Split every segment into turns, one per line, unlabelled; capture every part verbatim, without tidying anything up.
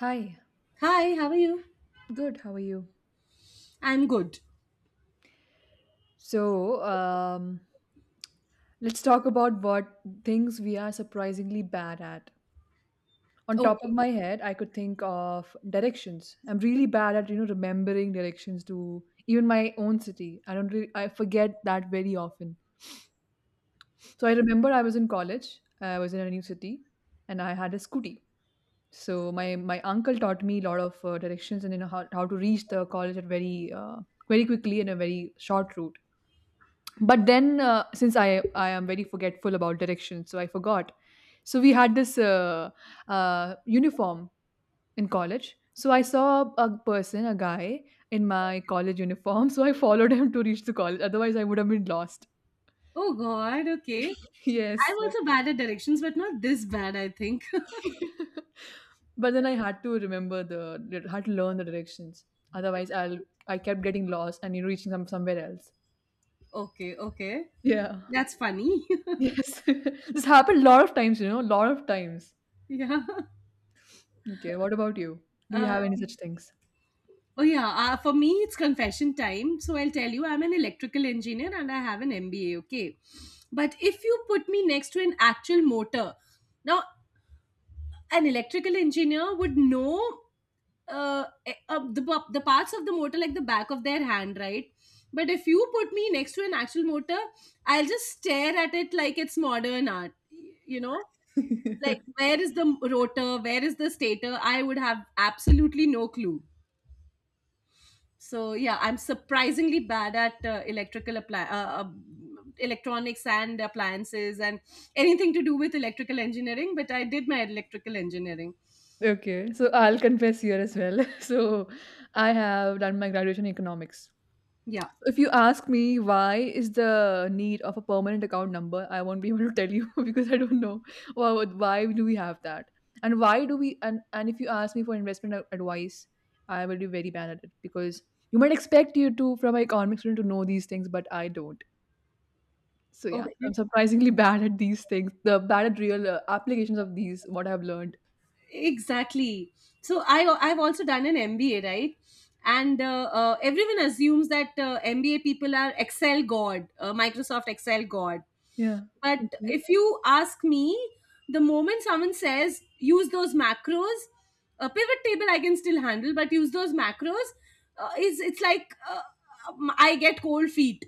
Hi,
Hi, how are you?
good, how are you?
I'm good.
So, um, let's talk about what things we are surprisingly bad at. On top of
Okay.
my head, I could think of directions. I'm really bad at, you know, remembering directions to even my own city. I don't really, I forget that very often. So I remember I was in college, I was in a new city, and I had a scooty. So my my uncle taught me a lot of uh, directions, and you know how, how to reach the college at very uh, very quickly in a very short route. but then uh, since i i am very forgetful about directions, so I forgot. So we had this uh, uh, uniform in college. So I saw a person, a guy, in my college uniform so I followed him to reach the college. Otherwise I would have been lost.
Oh God, okay.
Yes.
I'm also bad at directions, but not this bad, I think.
but then I had to remember the, had to learn the directions. Otherwise i'll i kept getting lost and reaching some somewhere else.
Okay, okay.
Yeah.
That's funny.
Yes. This happened a lot of times you know a lot of times.
yeah.
Okay, what about you? Do you
Uh,
have any such things?
oh yeah, uh, for me it's confession time. So I'll tell you, I'm an electrical engineer and I have an M B A, okay? But if you put me next to an actual motor, now an electrical engineer would know uh, eh, uh, the p- the parts of the motor like the back of their hand, right? But if you put me next to an actual motor, I'll just stare at it like it's modern art. y- You know, like where is the m- rotor? Where is the stator? I would have absolutely no clue. So yeah, I'm surprisingly bad at uh, electrical appli- uh, uh, electronics and appliances and anything to do with electrical engineering. But I did my electrical engineering.
Okay, so I'll confess here as well. So I have done my graduation in economics.
Yeah.
So, if you ask me why is the need of a permanent account number, I won't be able to tell you because I don't know why, why do we have that. And why do we, and, and if you ask me for investment ad- advice, I will be very bad at it because you might expect you to from an economics student to know these things, but I don't. So yeah,
Okay.
I'm surprisingly bad at these things. The bad at real uh, applications of these what I've learned.
exactly so i i've also done an mba, right? And uh, uh, everyone assumes that uh, mba people are Excel god, uh, Microsoft Excel god.
Yeah.
But
Okay.
if you ask me, the moment someone says use those macros, a pivot table I can still handle, but use those macros, uh, is it's like, uh, um, I get cold feet.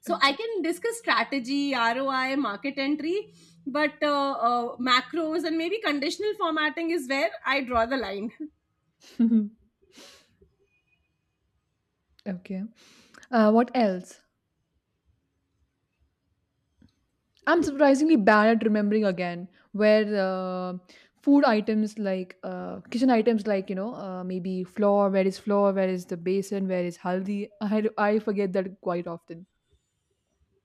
So I can discuss strategy, R O I, market entry, but uh, uh, macros and maybe conditional formatting is where I draw the line.
Okay. Okay. Uh, what else? I'm surprisingly bad at remembering again where uh, food items like uh, kitchen items like you know uh, maybe flour. Where is flour? Where is the basin? Where is haldi? I I forget that quite often.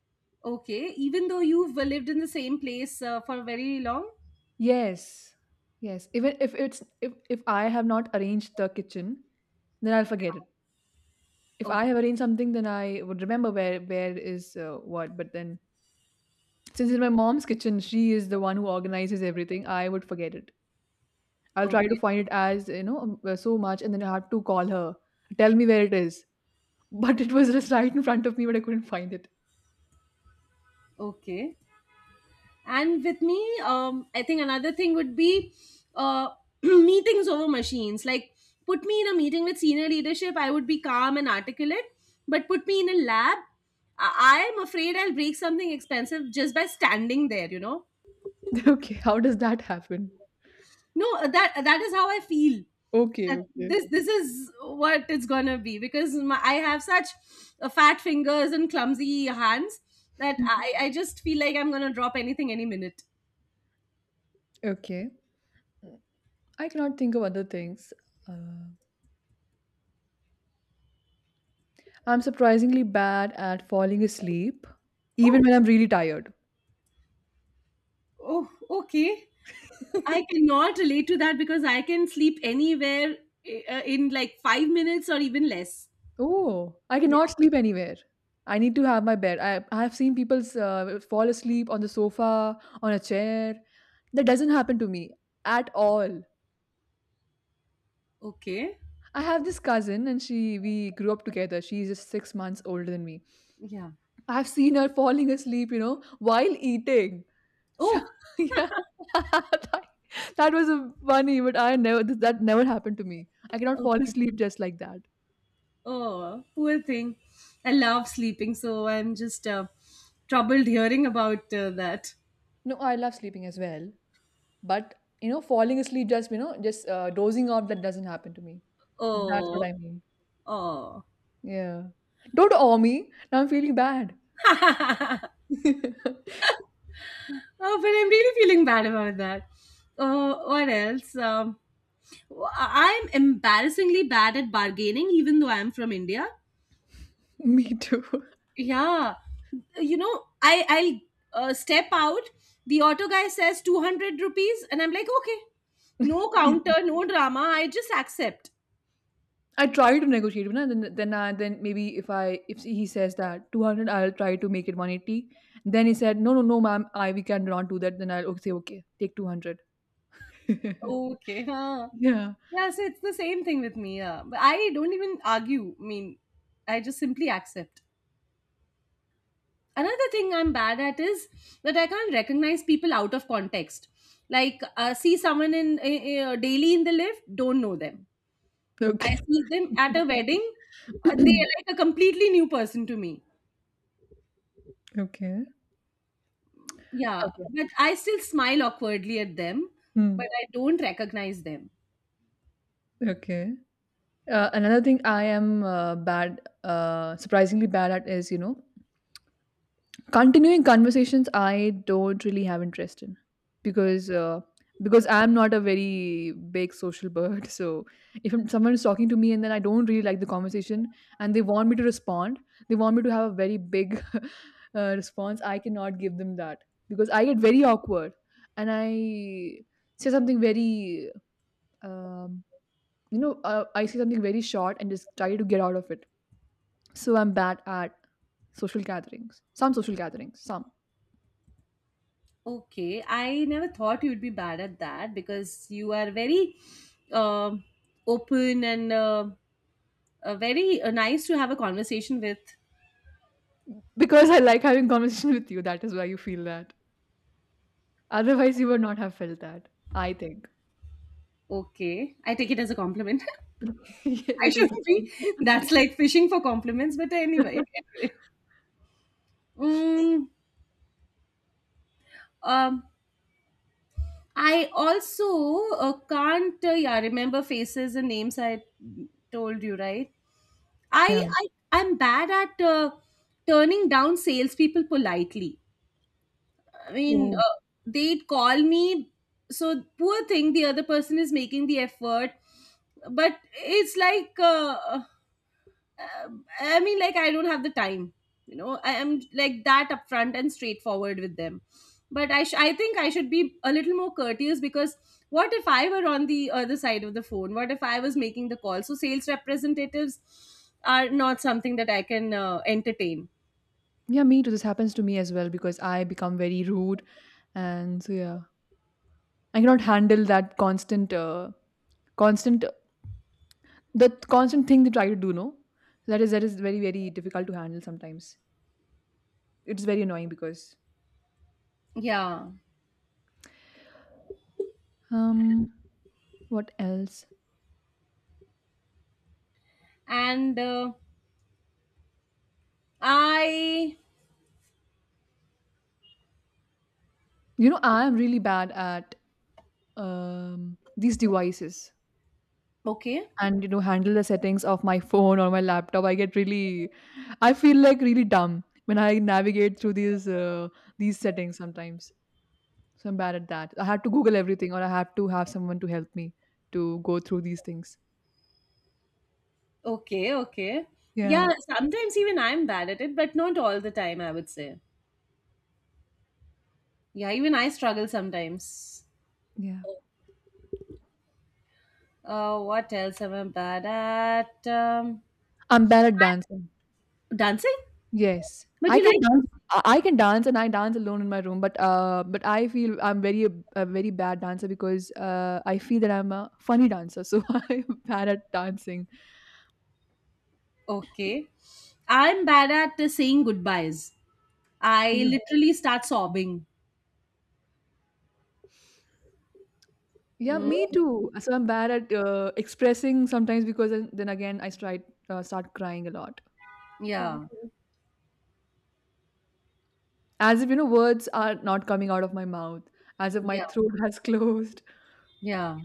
okay, even though you've uh, lived in the same place uh, for very long.
Yes. Yes. Even if it's if if I have not arranged the kitchen, then I'll forget it. If I have
Okay,
arranged something, then I would remember where where is uh, what. But then, since it's my mom's kitchen, she is the one who organizes everything. I would forget it. I'll try to
okay.
find it as you know um, uh, so much, and then I have to call her. Tell me where it is. But it was just right in front of me, but I couldn't find it.
Okay. And with me, um, I think another thing would be uh, meetings over machines. Like, put me in a meeting with senior leadership, I would be calm and articulate, but put me in a lab, I I am afraid I'll break something expensive just by standing there, you know.
Okay, how does that happen?
no uh, that uh, that is how I feel.
Okay,
That
okay,
this this is what it's gonna be because my, I have such uh, fat fingers and clumsy hands that i i just feel like I'm gonna drop anything any minute.
okay. I cannot think of other things. Uh, I'm surprisingly bad at falling asleep, even
Oh.
when I'm really tired.
Oh, okay. I cannot relate to that because I can sleep anywhere uh, uh, in like five minutes or even less.
Oh, I
Yeah.
cannot sleep anywhere. I need to have my bed. I, I have seen people uh, fall asleep on the sofa, on a chair. That doesn't happen to me at all.
Okay.
I have this cousin, and she we grew up together. She's just six months older than me.
Yeah.
I've seen her falling asleep, you know, while eating. So
Oh,
yeah, that, that was a funny, but I never that never happened to me. I cannot fall
okay.
asleep just like that.
Oh, poor thing. I love sleeping, so I'm just uh, troubled hearing about uh, that.
No, I love sleeping as well. But, you know, falling asleep, just, you know, just uh, dozing off, that doesn't happen to me. That's what
Oh.
I mean.
Oh.
Yeah. Don't awe me. Now I'm feeling bad.
Oh, but I'm really feeling bad about that. Oh, what else? Um, i I'm embarrassingly bad at bargaining, even though I'm from India.
Me too.
Yeah, you know, I I'll uh, step out. The auto guy says two hundred rupees, and I'm like, okay, no counter, no drama. I just accept.
I try to negotiate, you know, then then I, then maybe if I if he says that two hundred, I'll try to make it one eighty. Then he said, no, no, no, ma'am, I we cannot do that. Then I'll okay, say, okay, take two hundred.
Okay, huh.
Yeah.
Yeah, so it's the same thing with me. Yeah, but I don't even argue. I mean, I just simply accept. Another thing I'm bad at is that I can't recognize people out of context. Like, uh, see someone in uh, uh, daily in the lift, don't know them. I
Okay.
see them at a wedding, uh, they're like a completely new person to me.
Okay.
Yeah,
Okay.
but I still smile awkwardly at them,
Hmm.
but I don't recognize them.
Okay. Uh, another thing I am uh, bad, uh, surprisingly bad at is, you know, continuing conversations I don't really have interest in because uh, because I'm not a very big social bird. So if I'm- someone is talking to me, and then I don't really like the conversation, and they want me to respond, they want me to have a very big uh, response, I cannot give them that because I get very awkward, and I say something very, um, you know, uh, I say something very short, and just try to get out of it, so I'm bad at social gatherings. Some social gatherings, some.
Okay, I never thought you'd be bad at that because you are very, um open and uh, uh, very uh, nice to have a conversation with.
Because I like having conversation with you, that is why you feel that. Otherwise, you would not have felt that, I think.
Okay, I take it as a compliment.
Yes,
I
it is.
shouldn't be. That's like fishing for compliments, but anyway. anyway. Mm, um, I also uh, can't uh, yeah remember faces and names. I told you, right?
Yeah.
I I I'm bad at uh, turning down salespeople politely. I mean,
Oh.
uh, they'd call me. So poor thing, the other person is making the effort, but it's like. Uh, um, I mean, like, I don't have the time. You know, I am like that upfront and straightforward with them. But I, sh- I think I should be a little more courteous because what if I were on the other side of the phone? What if I was making the call? So sales representatives are not something that I can uh, entertain.
Yeah, me too. This happens to me as well because I become very rude, and so yeah, I cannot handle that constant, uh, constant the constant thing they try to do. No, that is that is very, very difficult to handle sometimes. It's very annoying, because
Yeah,
um what else.
and uh, I.
You know, I am really bad at um these devices,
Okay,
and you know handle the settings of my phone or my laptop. I get really i feel like really dumb when I navigate through these uh, these settings sometimes. So I'm bad at that. I have to google everything, or I have to have someone to help me to go through these things.
okay, okay.
Yeah.
Yeah, sometimes even I'm bad at it, but not all the time, I would say. Yeah, even I struggle sometimes.
Yeah.
Uh, what else am I bad at? Um,
I'm bad at dancing.
dancing?
Yes.
But
I
you
can
like
dance
dancing.
I I can dance, and I dance alone in my room, but uh, but I feel I'm very a, very bad dancer because uh, I feel that I'm a funny dancer, so I'm bad at dancing.
Okay. I'm bad at uh, saying goodbyes. I
Mm.
literally start sobbing.
Yeah,
Mm.
me too. So I'm bad at uh, expressing sometimes because then then again I start uh, start crying a lot. Yeah.
Yeah.
As if you know words are not coming out of my mouth, as if my
Yeah.
throat has closed.
Yeah.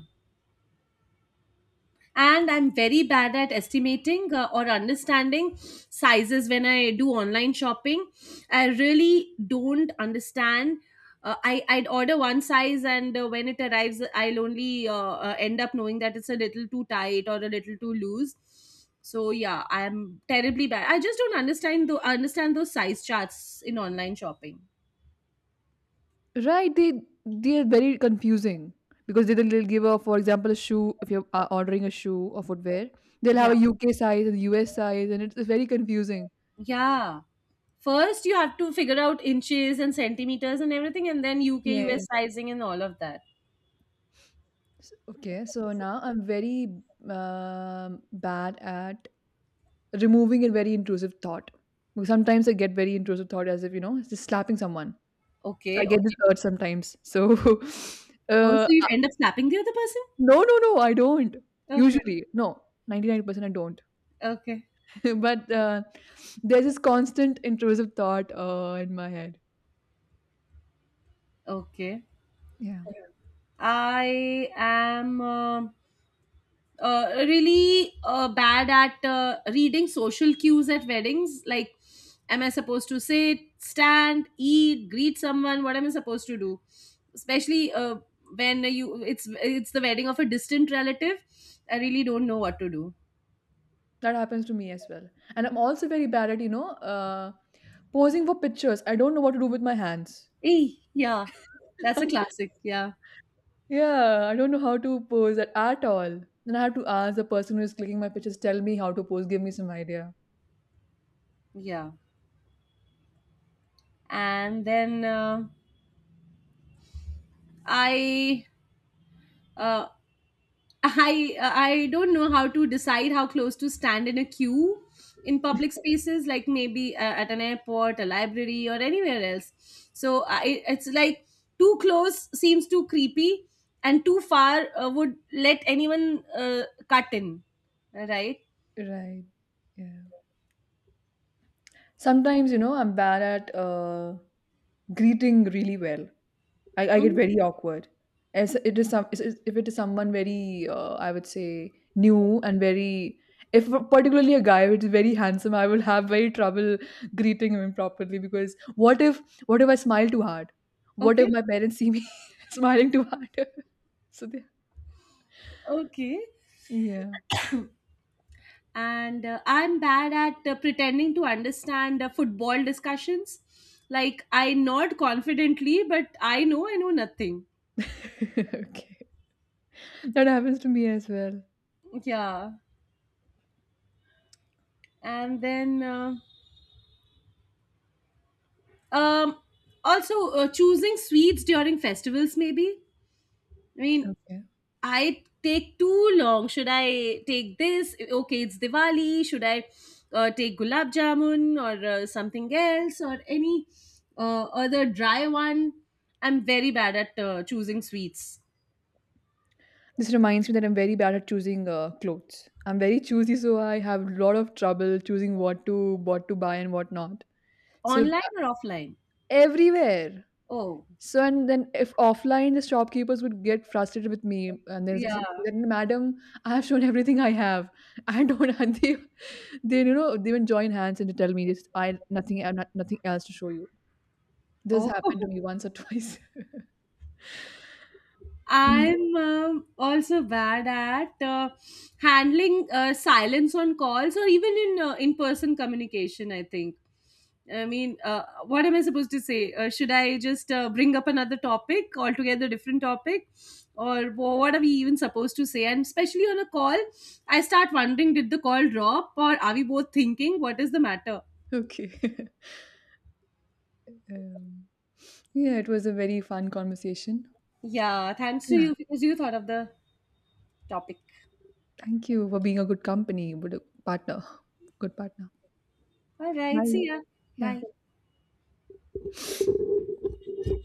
And I'm very bad at estimating, uh, or understanding sizes when I do online shopping. I really don't understand. uh, I, I'd order one size, and uh, when it arrives, I'll only uh, uh, end up knowing that it's a little too tight or a little too loose. So yeah, I'm terribly bad. I just don't understand the understand those size charts in online shopping.
Right, they they are very confusing because they- they'll give a, for example, a shoe. If you're uh, ordering a shoe or footwear, they'll
Yeah,
have a U K size and U S size, and it's, it's very confusing.
yeah. First, you have to figure out inches and centimeters and everything, and then U K U S
Yes.
sizing and all of that.
S- Okay, so now I'm very um, bad at removing a very intrusive thought. Because sometimes I get very intrusive thought, as if you know, just slapping someone. So I
Okay,
get this
okay.
urge sometimes. So,
Oh, so
uh,
you end up slapping the other person?
no, no, no, I don't.
Okay,
Usually, no, ninety nine percent I don't.
okay,
But uh, there's this constant intrusive thought uh, in my head.
okay.
Yeah.
I am um uh, really uh, bad at uh, reading social cues at weddings. Like, am I supposed to sit, stand, eat, greet someone? What am I supposed to do? Especially uh, when you it's it's the wedding of a distant relative. I really don't know what to do.
That happens to me as well. And I'm also very bad at, you know, uh, posing for pictures. I don't know what to do with my hands.
Eh, yeah, that's a classic. Yeah,
Yeah, I don't know how to pose at, at all. Then I have to ask the person who is clicking my pictures, tell me how to pose, give me some idea.
yeah. And then uh, I uh, I I don't know how to decide how close to stand in a queue in public spaces, like maybe uh, at an airport, a library, or anywhere else. So I, it's like too close seems too creepy, and too far uh, would let anyone uh, cut in, right?
Right. Yeah. Sometimes, you know, I'm bad at uh, greeting really well. I, I get
Mm.
very awkward. As it is, some is- is- if it is someone very uh, I would say new and very if particularly a guy which is very handsome, I will have very trouble greeting him properly because what if what if I smile too hard? What if
Okay,
my parents see me smiling too hard? So they,
okay.
yeah,
And uh, I'm bad at uh, pretending to understand uh, football discussions. Like, I nod confidently, but I know I know nothing.
okay, that happens to me as well.
Yeah, and then uh, um, also uh, choosing sweets during festivals. Maybe, I mean,
Yeah.
I take too long. Should I take this? Okay, it's Diwali. Should I uh, take gulab jamun or uh, something else or any uh, other dry one? I'm very bad at uh, choosing sweets,
This reminds me that I'm very bad at choosing uh, clothes. I'm very choosy, so I have a lot of trouble choosing what to what to buy and what not. So
online or offline.
everywhere.
Oh,
So, and then if offline, the shopkeepers would get frustrated with me, and then they
yeah.
say that, "Madam, I have shown everything I have. I don't." And they, they you know, they even join hands, and they tell me, "This I nothing, I have not, nothing else to show you." This
Oh.
happened to me once or twice. Mm.
I'm um, also bad at uh, handling uh, silence on calls or even in uh, in-person communication. I think. I mean, uh, what am I supposed to say? Uh, should I just uh, bring up another topic altogether, different topic, or wh- what are we even supposed to say? And especially on a call, I start wondering: Did the call drop, or are we both thinking what is the matter?
Okay. um, yeah, it was a very fun conversation.
Yeah, thanks to
Yeah,
you because you thought of the topic.
thank you for being a good company, but a partner, good partner.
All right, see
Bye.
ya.
Yeah.
Bye.